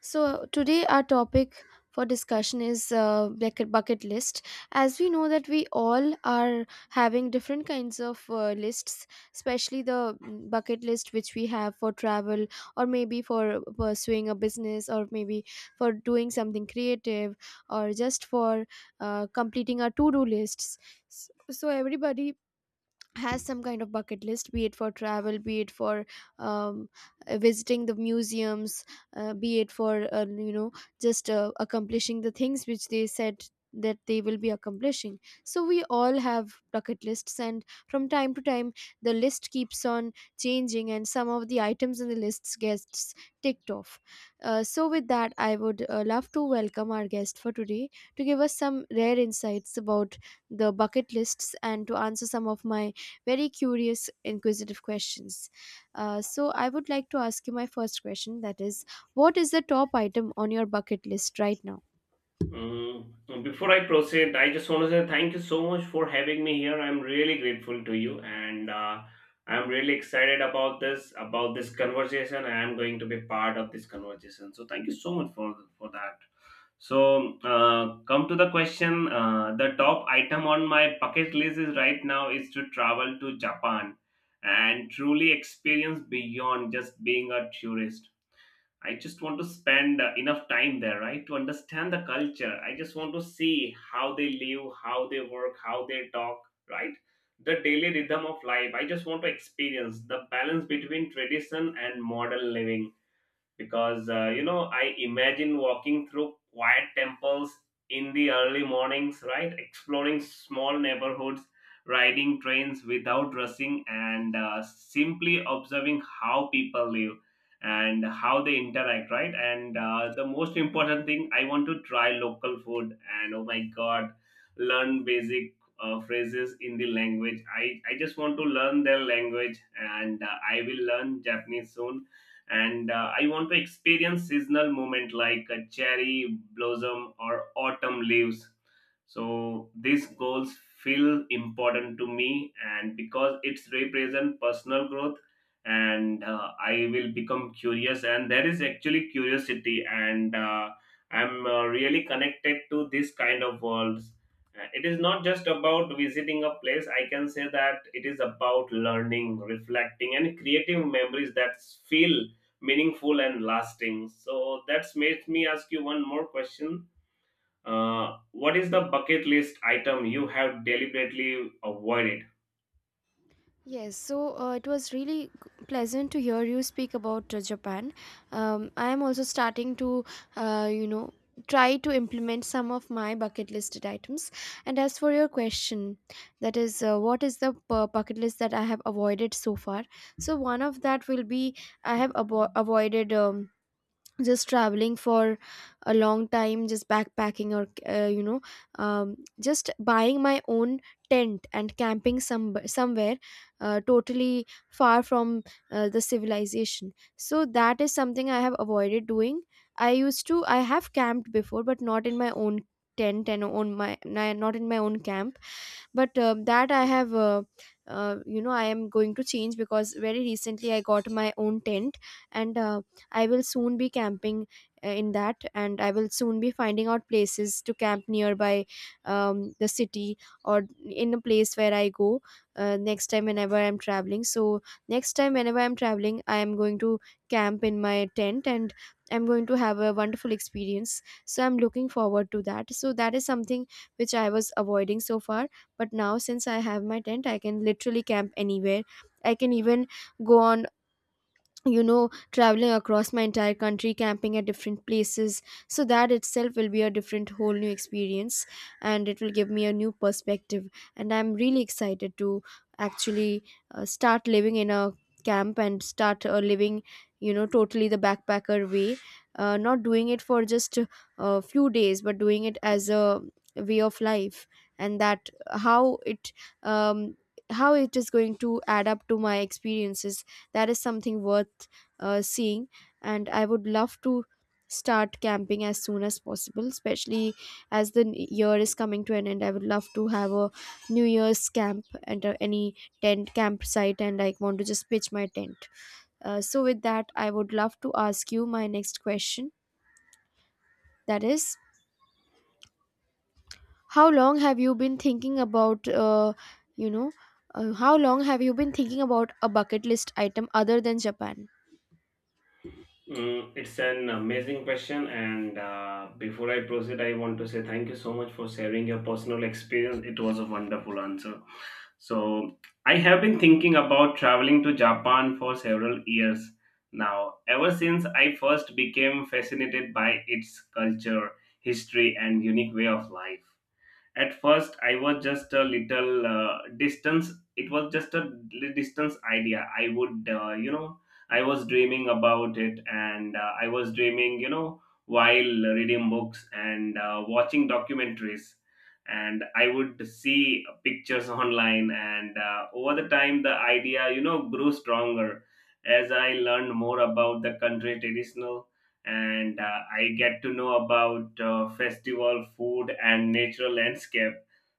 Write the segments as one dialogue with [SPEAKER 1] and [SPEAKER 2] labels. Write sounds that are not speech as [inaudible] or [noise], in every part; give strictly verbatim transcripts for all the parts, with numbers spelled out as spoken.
[SPEAKER 1] So today our topic for discussion is uh, bucket bucket list. As we know that we all are having different kinds of uh, lists, especially the mm, bucket list which we have for travel, or maybe for pursuing a business, or maybe for doing something creative, or just for uh, completing our to-do lists. S- So everybody has some kind of bucket list, be it for travel, be it for um, uh, visiting the museums, uh, be it for uh, you know just uh, accomplishing the things which they said that they will be accomplishing. So we all have bucket lists, and from time to time the list keeps on changing and some of the items in the lists gets ticked off. Uh, so with that, I would uh, love to welcome our guest for today to give us some rare insights about the bucket lists and to answer some of my very curious, inquisitive questions. Uh, so, I would like to ask you my first question, that is, what is the top item on your bucket list right now?
[SPEAKER 2] Mm, so before I proceed, I just want to say thank you so much for having me here. I'm really grateful to you, and uh, I'm really excited about this about this conversation. I am going to be part of this conversation, so thank you so much for for that. So, uh, come to the question. Uh, the top item on my bucket list is right now is to travel to Japan and truly experience beyond just being a tourist. I just want to spend uh, enough time there, right, to understand the culture. I just want to see how they live, how they work, how they talk, right? The daily rhythm of life. I just want to experience the balance between tradition and modern living because uh, you know, I imagine walking through quiet temples in the early mornings, right, exploring small neighborhoods, riding trains without rushing, and uh, simply observing how people live and how they interact, right. And uh, the most important thing, I want to try local food, and oh my god, learn basic uh, phrases in the language. I i just want to learn their language, and uh, I will learn Japanese soon. And uh, I want to experience seasonal moment like a cherry blossom or autumn leaves. So these goals feel important to me, and because it's represent personal growth, and uh, I will become curious, and there is actually curiosity, and uh, i'm uh, really connected to this kind of worlds. Uh, it is not just about visiting a place. I can say that it is about learning, reflecting, and creative memories that feel meaningful and lasting. So that's made me ask you one more question. Uh, what is the bucket list item you have deliberately avoided?
[SPEAKER 1] Yes, so uh, it was really g- pleasant to hear you speak about uh, Japan. Um, I am also starting to, uh, you know, try to implement some of my bucket listed items. And as for your question, that is, uh, what is the bu- bucket list that I have avoided so far? So one of that will be I have avo- avoided. Um, just traveling for a long time, just backpacking, or uh, you know um, just buying my own tent and camping some somewhere uh, totally far from uh, the civilization. So that is something I have avoided doing. I used to I have camped before, but not in my own tent, and on my ni- not in my own camp. But um that I have uh, uh, you know I am going to change, because very recently I got my own tent. And uh, I will soon be camping uh, in that, and I will soon be finding out places to camp nearby um, the city, or in a place where I go uh, next time whenever I'm traveling. So next time whenever I'm traveling, I am going to camp in my tent and I'm going to have a wonderful experience. So I'm looking forward to that. So that is something which I was avoiding so far, but now since I have my tent, I can literally camp anywhere. I can even go on, you know, traveling across my entire country, camping at different places. So that itself will be a different whole new experience, and it will give me a new perspective. And I'm really excited to actually uh, start living in a camp and start uh, living, you know, totally the backpacker way, uh, not doing it for just a few days, but doing it as a way of life. And that how it um, how it is going to add up to my experiences, that is something worth uh, seeing. And I would love to start camping as soon as possible, especially as the n- year is coming to an end. I would love to have a new year's camp at uh, any tent campsite, and I want to just pitch my tent. Uh, so with that, I would love to ask you my next question, that is, how long have you been thinking about uh, you know uh, how long have you been thinking about a bucket list item other than Japan?
[SPEAKER 2] Mm, it's an amazing question, and uh, before I proceed, I want to say thank you so much for sharing your personal experience. It was a wonderful answer. So, I have been thinking about traveling to Japan for several years now, ever since I first became fascinated by its culture, history, and unique way of life. At first, I was just a little uh, distance. It was just a li- distance idea. I would uh, you know I was dreaming about it, and uh, I was dreaming, you know while reading books and uh, watching documentaries, and I would see pictures [laughs] online. And uh, over the time, the idea, you know grew stronger as I learned more about the country traditional, and uh, I get to know about uh, festival food and natural landscape.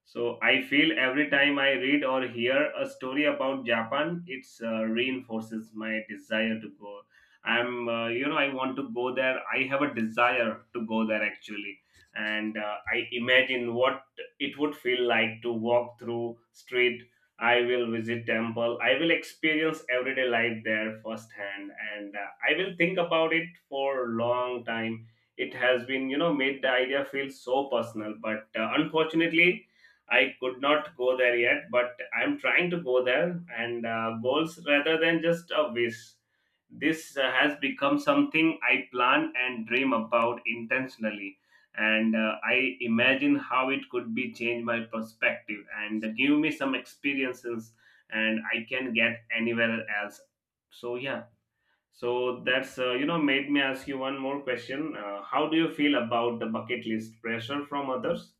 [SPEAKER 2] So I feel every time I read or hear a story about Japan, it's uh, reinforces my desire to go. I'm, uh, you know, I want to go there. I have a desire to go there actually, and uh, I imagine what it would feel like to walk through street. I will visit temple. I will experience everyday life there firsthand, and uh, I will think about it for long time. It has been, you know, made the idea feel so personal. But uh, unfortunately, I could not go there yet. But I'm trying to go there, and uh, goals rather than just a wish. This uh, has become something I plan and dream about intentionally, and uh, I imagine how it could be change my perspective and give me some experiences, and I can get anywhere else. So yeah, so that's uh, you know made me ask you one more question. Uh, how do you feel about the bucket list pressure from others?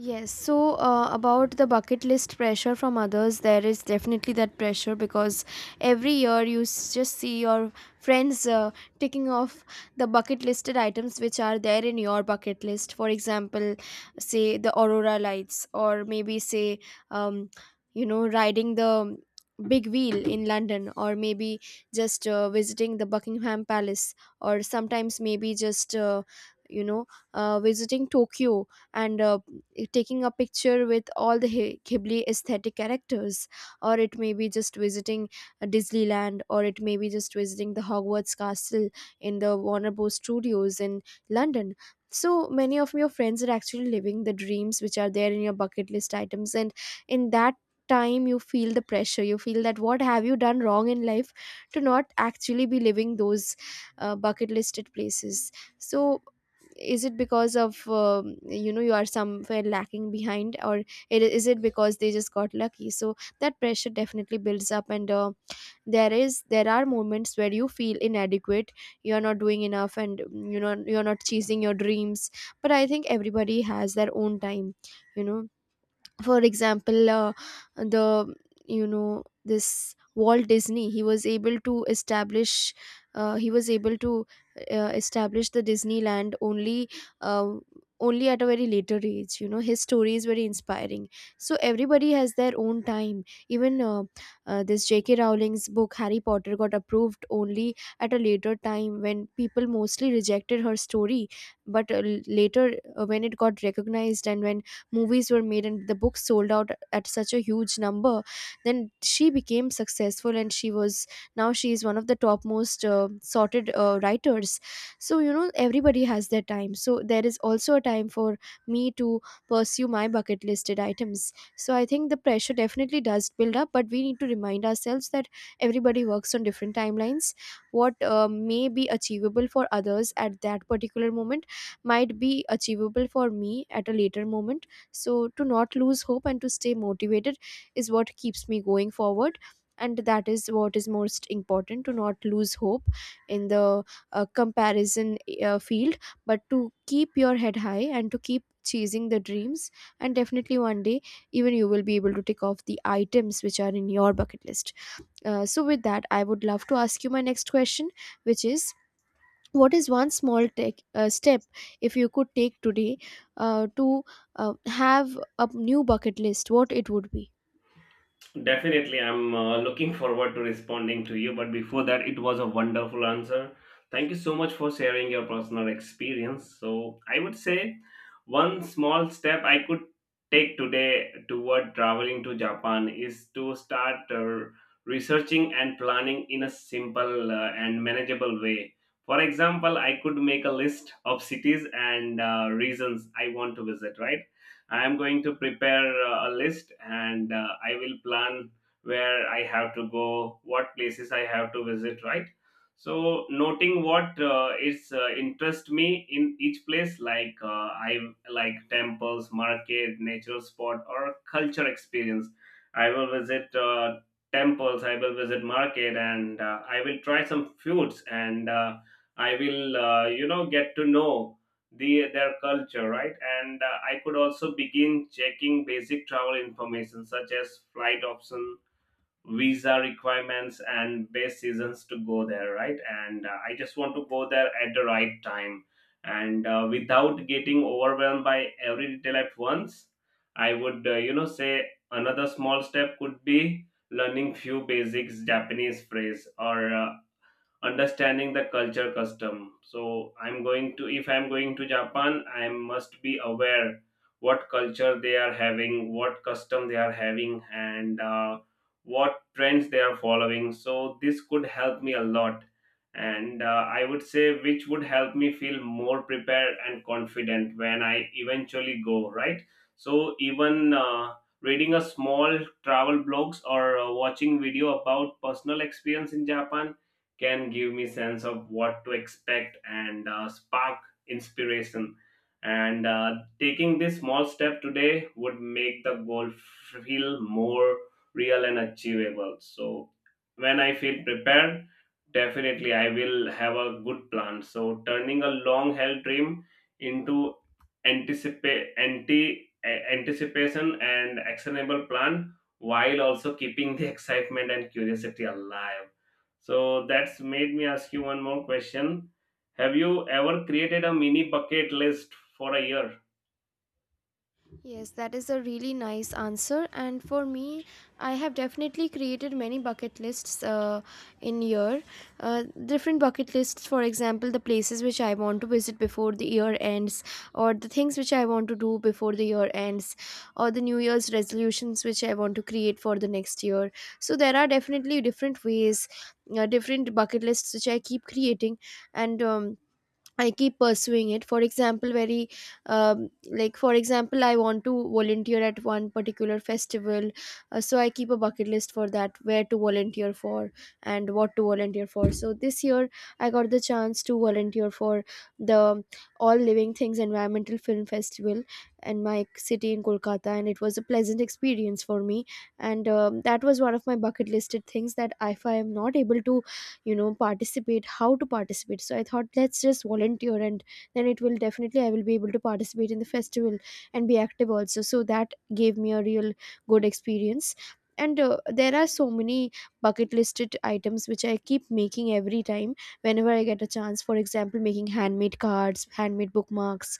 [SPEAKER 1] Yes, so uh, about the bucket list pressure from others, there is definitely that pressure, because every year you s- just see your friends uh, ticking off the bucket listed items which are there in your bucket list. For example, say the aurora lights, or maybe say, um, you know, riding the big wheel in London, or maybe just uh, visiting the Buckingham Palace, or sometimes maybe just, uh, you know, uh, visiting Tokyo and uh, eh, taking a picture with all the Hi- Ghibli aesthetic characters, or it may be just visiting uh, Disneyland, or it may be just visiting the Hogwarts Castle in the Warner Bros. Studios in London. So many of your friends are actually living the dreams which are there in your bucket list items, and in that time you feel the pressure. You feel that what have you done wrong in life to not actually be living those uh, bucket listed places. So is it because of um, you know you are somewhere lacking behind, or it, is it because they just got lucky? So that pressure definitely builds up, and uh, there is there are moments where you feel inadequate, you are not doing enough, and mm, you know you're not chasing your dreams. But I think everybody has their own time. You know, for example, uh, the you know this Walt Disney, he was able to establish uh, he was able to uh, establish the Disneyland only uh, only at a very later age. You know, his story is very inspiring. So everybody has their own time. Even uh, uh, this JK Rowling's book Harry Potter got approved only at a later time when people mostly rejected her story. But uh, l- later, uh, when it got recognized and when movies were made and the books sold out at such a huge number, then she became successful. And she was now she is one of the topmost uh, sorted uh, writers. So you know everybody has their time, so there is also a time for me to pursue my bucket listed items. So I think the pressure definitely does build up, but we need to remind ourselves that everybody works on different timelines. What uh, may be achievable for others at that particular moment might be achievable for me at a later moment. So, to not lose hope and to stay motivated is what keeps me going forward. And that is what is most important, to not lose hope in the uh, comparison uh, field, but to keep your head high and to keep chasing the dreams. And definitely one day, even you will be able to tick off the items which are in your bucket list. Uh, so, with that, I would love to ask you my next question, which is, what is one small tech, uh, step, if you could take today uh, to uh, have a new bucket list, what it would be?
[SPEAKER 2] Definitely, I'm uh, looking forward to responding to you. But before that, it was a wonderful answer. Thank you so much for sharing your personal experience. So, I would say one small step I could take today toward traveling to Japan is to start uh, researching and planning in a simple uh, and manageable way. For example, I could make a list of cities and uh, reasons I want to visit, right? I am going to prepare uh, a list, and uh, I will plan where I have to go, what places I have to visit, right? So noting what uh, is uh, interest me in each place, like uh, I like temples, market, nature spot, or culture experience. I will visit uh, temples, I will visit market, and uh, I will try some foods, and uh, I will uh, you know get to know the their culture, right. And uh, I could also begin checking basic travel information such as flight option, visa requirements, and best seasons to go there, right. And uh, I just want to go there at the right time, and uh, without getting overwhelmed by every detail at once, I would uh, you know say another small step could be learning few basics Japanese phrase, or uh, understanding the culture custom. So I'm going to, if I'm going to Japan, I must be aware what culture they are having, what custom they are having, and uh, what trends they are following, so this could help me a lot. And uh, I would say which would help me feel more prepared and confident when I eventually go, right. So even uh, reading a small travel blogs or uh, watching video about personal experience in Japan can give me sense of what to expect, and uh, spark inspiration. And uh, taking this small step today would make the goal feel more real and achievable. So when I feel prepared, definitely I will have a good plan. So turning a long held dream into anticipate anti a- anticipation and actionable plan, while also keeping the [laughs] excitement and curiosity alive. So that's made me ask you one more question. Have you ever created a mini bucket list for a year?
[SPEAKER 1] Yes, that is a really nice answer. And for me, I have definitely created many bucket lists uh, in year. Uh, different bucket lists, for example, the places which I want to visit before the year ends, or the things which I want to do before the year ends, or the New Year's resolutions which I want to create for the next year. So there are definitely different ways, uh, different bucket lists which I keep creating, and um, I keep pursuing it. For example, very um, like for example, I want to volunteer at one particular festival, uh, so I keep a bucket list for that, where to volunteer for and what to volunteer for. So this year, I got the chance to volunteer for the All Living Things Environmental Film Festival in my city in Kolkata, and it was a pleasant experience for me. And um, that was one of my bucket listed things, that if I am not able to, you know, participate, how to participate. So I thought, let's just volunteer, and then it will definitely, I will be able to participate in the festival and be active also. So that gave me a real good experience. And uh, there are so many bucket listed items which I keep making every time whenever I get a chance. For example, making handmade cards, handmade bookmarks,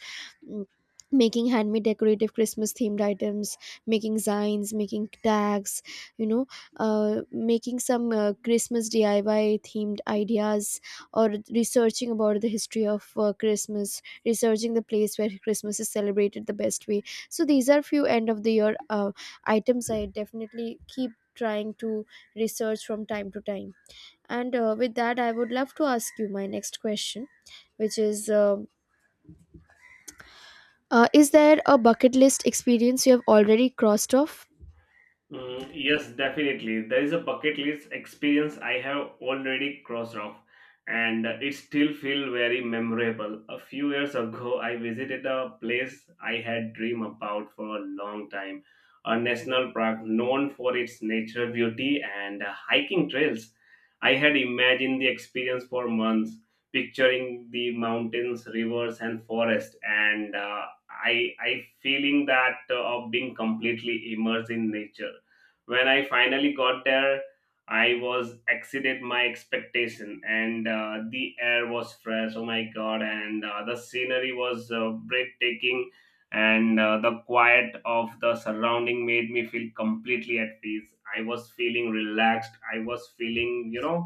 [SPEAKER 1] mm, making handmade decorative Christmas themed items, making signs, making tags, you know uh, making some uh, Christmas D I Y themed ideas, or researching about the history of uh, Christmas, researching the place where Christmas is celebrated the best way. So these are few end of the year uh, items I definitely keep trying to research from time to time. And uh, with that, I would love to ask you my next question, which is um uh, is there a bucket list experience you have already crossed off?
[SPEAKER 2] Mm, yes, definitely. There is a bucket list experience I have already crossed off, and uh, it still feels very memorable. A few years ago, I visited a place I had dreamed about for a long time, a national park known for its natural beauty and uh, hiking trails. I had imagined the experience for months, picturing the mountains, rivers, and forest, and uh, I I feeling that uh, of being completely immersed in nature when I finally got there. I was exceeded my expectation, and uh, the air was fresh, oh my god, and uh, the scenery was uh, breathtaking, and uh, the quiet of the surrounding made me feel completely at peace. I was feeling relaxed. I was feeling, you know,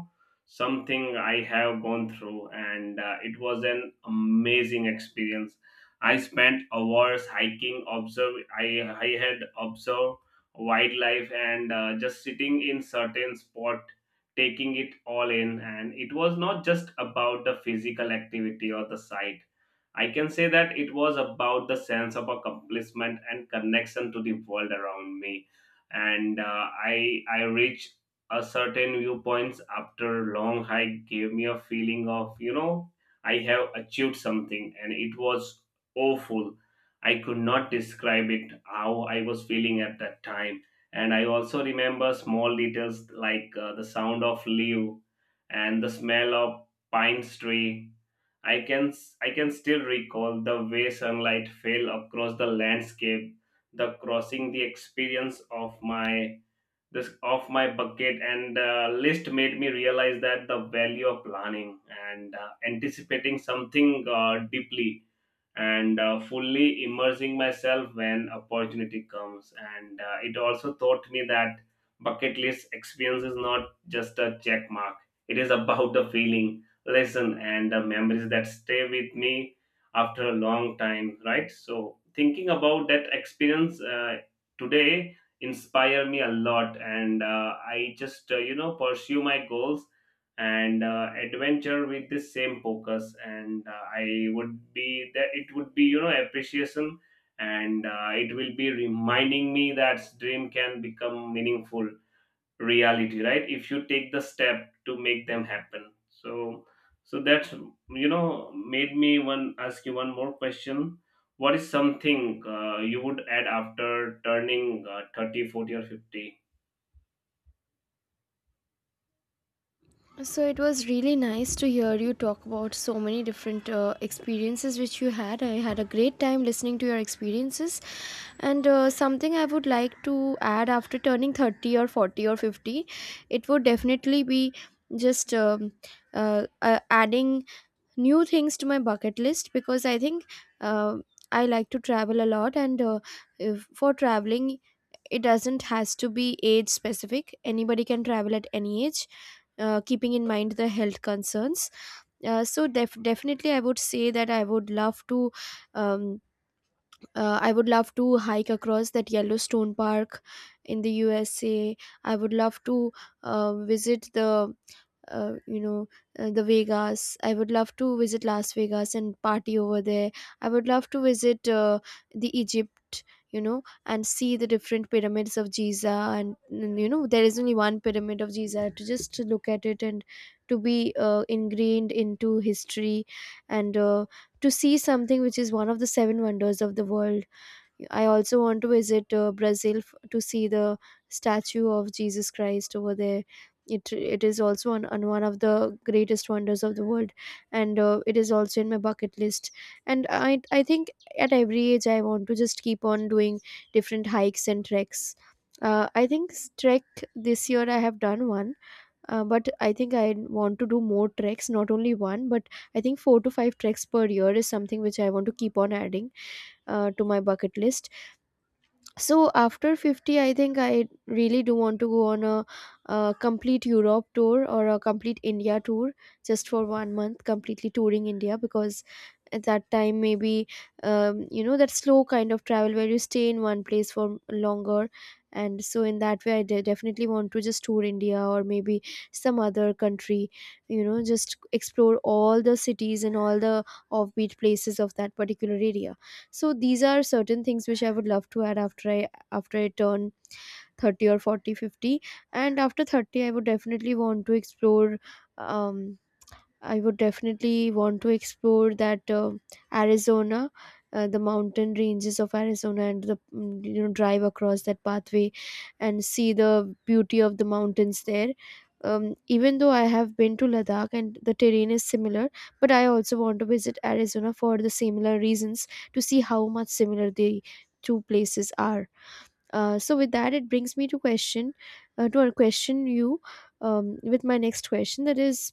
[SPEAKER 2] something I have gone through, and uh, it was an amazing experience. I spent hours hiking. Observe. I I had observed wildlife and uh, just sitting in certain spot, taking it all in. And it was not just about the physical activity or the sight. I can say that it was about the sense of accomplishment and connection to the world around me. And uh, i i reached a certain viewpoints after long hike gave me a feeling of, you know, I have achieved something, and it was awful. I could not describe it how I was feeling at that time. And I also remember small details like uh, the sound of leaf and the smell of pine tree. I can I can still recall the way sunlight fell across the landscape, the crossing the experience of my this of my bucket and uh, list made me realize that the value of planning, and uh, anticipating something uh, deeply, and uh, fully immersing myself when opportunity comes. And uh, it also taught me that bucket list experience is not just a check mark. It is about the feeling lesson and the memories that stay with me after a long time, right. So thinking about that experience uh, today inspire me a lot, and uh, I just uh, you know pursue my goals, and uh, adventure with the same focus. And uh, I would be that it would be, you know, appreciation, and uh, it will be reminding me that dream can become meaningful reality, right, if you take the step to make them happen. So so that's, you know, made me one ask you one more question. What is something uh, you would add after turning uh, thirty forty or fifty?
[SPEAKER 1] So it was really nice to hear you talk about so many different uh, experiences which you had. I had a great time listening to your experiences. And uh, something I would like to add after turning thirty or forty or fifty, it would definitely be just um, uh, uh, adding new things to my bucket list, because I think uh, I like to travel a lot, and uh, if, for traveling, it doesn't has to be age specific. Anybody can travel at any age, uh, keeping in mind the health concerns. Uh, so def- definitely, I would say that I would love to. Um, uh, I would love to hike across that Yellowstone Park in the U S A. I would love to uh, visit the uh, you know uh, the Vegas. I would love to visit Las Vegas and party over there. I would love to visit uh, the Egypt. You know, and see the different pyramids of Giza, and mm, you know there is only one pyramid of Giza. To just to look at it and to be uh, ingrained into history, and uh, to see something which is one of the seven wonders of the world. I also want to visit uh, Brazil f- to see the statue of Jesus Christ over there. It, it is also on, on one of the greatest wonders of the world, and uh, it is also in my bucket list. And I, I think at every age I want to just keep on doing different hikes and treks. Uh, i think s- trek this year I have done one. Uh, but i think i want to do more treks, not only one, but I think four to five treks per year is something which I want to keep on adding uh, to my bucket list. So after fifty, I think I really do want to go on a, a complete europe tour or a complete india tour, just for one month completely touring india because at that time maybe, um, you know, that slow kind of travel where you stay in one place for longer. And so in that way, i de- definitely want to just tour india, or maybe some other country, you know, just explore all the cities and all the offbeat places of that particular area. So these are certain things which I would love to add after i after i turn thirty or forty, fifty. And after thirty, I would definitely want to explore um I would definitely want to explore that uh, Arizona, uh, the mountain ranges of Arizona, and the mm, you know drive across that pathway and see the beauty of the mountains there. Um, even though I have been to Ladakh and the terrain is similar, but I also want to visit Arizona for the similar reasons, to see how much similar the two places are. Uh, so with that, it brings me to question, uh, to a question you, um, with my next question, that is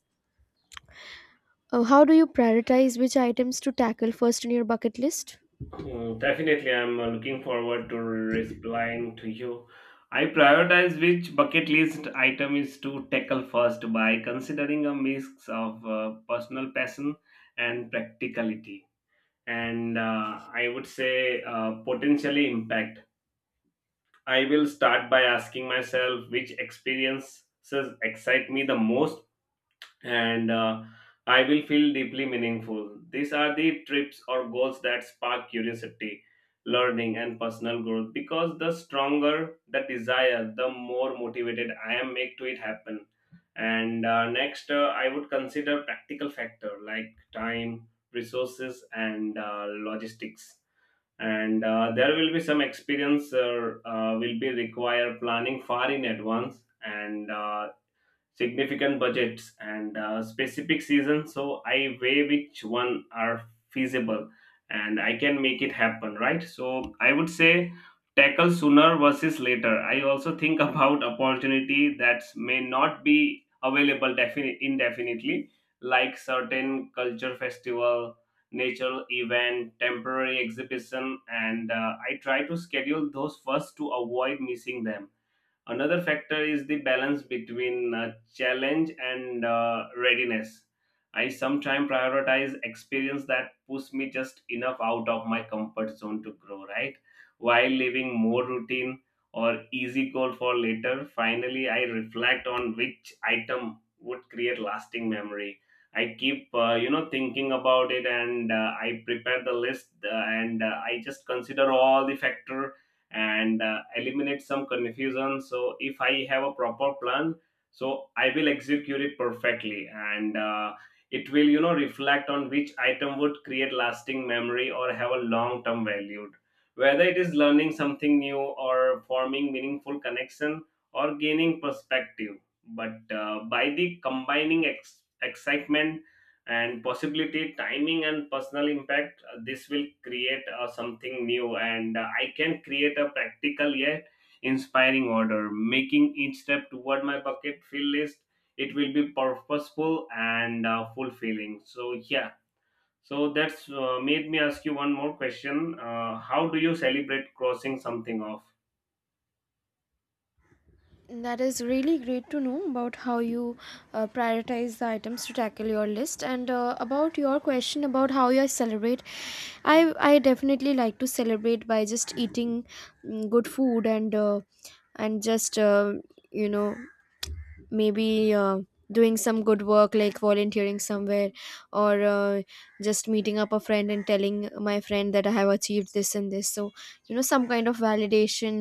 [SPEAKER 1] uh, how do you prioritize which items to tackle first in your bucket list?
[SPEAKER 2] Oh, definitely, I'm uh, looking forward to replying to you. I prioritize which bucket list item is to tackle first by considering a mix of uh, personal passion and practicality, and uh, I would say uh, potentially impact. I will start by asking myself which experiences excite me the most, and uh, I will feel deeply meaningful. These are the trips or goals that spark curiosity, learning, and personal growth because the stronger the desire, the more motivated I am make to it happen. And uh, next, uh, I would consider practical factor like time, resources, and uh, logistics. And uh, there will be some experience uh, uh, will be required planning far in advance, and uh, significant budgets, and uh, specific seasons. So I weigh which one are feasible, and I can make it happen, right? So I would say tackle sooner versus later. I also think [laughs] about opportunity that may not be available defini- indefinitely, like certain culture festival, nature event, temporary exhibition, and uh, I try to schedule those first to avoid missing them. Another factor is the balance between uh, challenge and uh, readiness. I sometimes prioritize experience that push me just enough out of my comfort zone to grow, right? While leaving more routine or easy goal for later, finally I reflect on which item would create lasting memory. I keep, uh, you know, thinking about it, and uh, I prepare the list, uh, and uh, I just consider all the factor and uh, eliminate some confusion. So if I have a proper plan, so I will execute it perfectly. And uh, it will, you know, reflect on which item would create lasting memory or have a long term value, whether it is learning something new or forming meaningful connection or gaining perspective. But uh, by the combining ex- excitement and possibility, timing and personal impact, uh, this will create uh, something new, and uh, I can create a practical yet inspiring order making each step toward my bucket fill list. It will be purposeful and uh, fulfilling. So yeah. So that's uh, made me ask you one more question. Uh, how do you celebrate crossing something off?
[SPEAKER 1] That is really great to know about how you uh, prioritize the items to tackle your list, and uh, about your question about how you celebrate. I I definitely like to celebrate by just eating mm, good food, and uh, and just uh, you know maybe uh, doing some good work like volunteering somewhere, or uh, just meeting up a friend and telling my friend that I have achieved this and this. So you know, some kind of validation,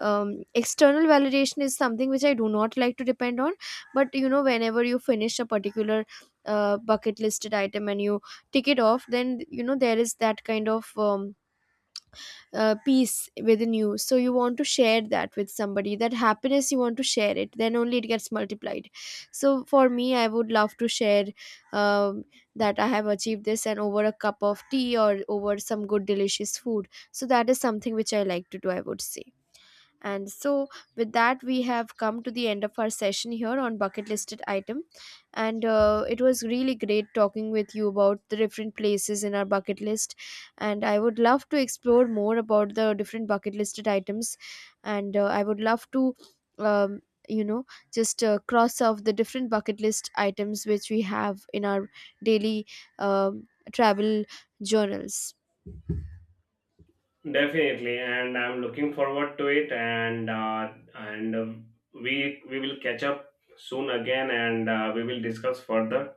[SPEAKER 1] um, external validation is something which I do not like to depend on. But you know, whenever you finish a particular uh, bucket listed item and you tick it off, then you know there is that kind of um, uh, peace within you. So you want to share that with somebody, that happiness you want to share it, then only it gets multiplied. So for me, I would love to share um, that I have achieved this, and over a cup of tea or over some good delicious food. So that is something which I like to do, I would say. And so, with that, we have come to the end of our session here on bucket listed item. And uh, it was really great talking with you about the different places in our bucket list. And I would love to explore more about the different bucket listed items. And uh, I would love to, um, you know, just uh, cross off the different bucket list items which we have in our daily um, travel journals.
[SPEAKER 2] Definitely, and I'm looking forward to it. And uh, and um, we we will catch up soon again, and uh, we will discuss further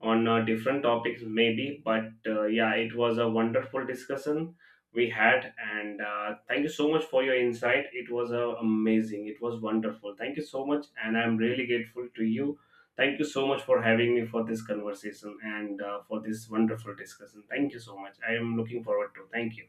[SPEAKER 2] on uh, different topics maybe. But uh, yeah, it was a wonderful discussion we had, and uh, thank you so much for your insight. It was uh, amazing. It was wonderful. Thank you so much, and I'm really grateful to you. Thank you so much for having me for this conversation and uh, for this wonderful discussion. Thank you so much. I am looking forward to. Thank you.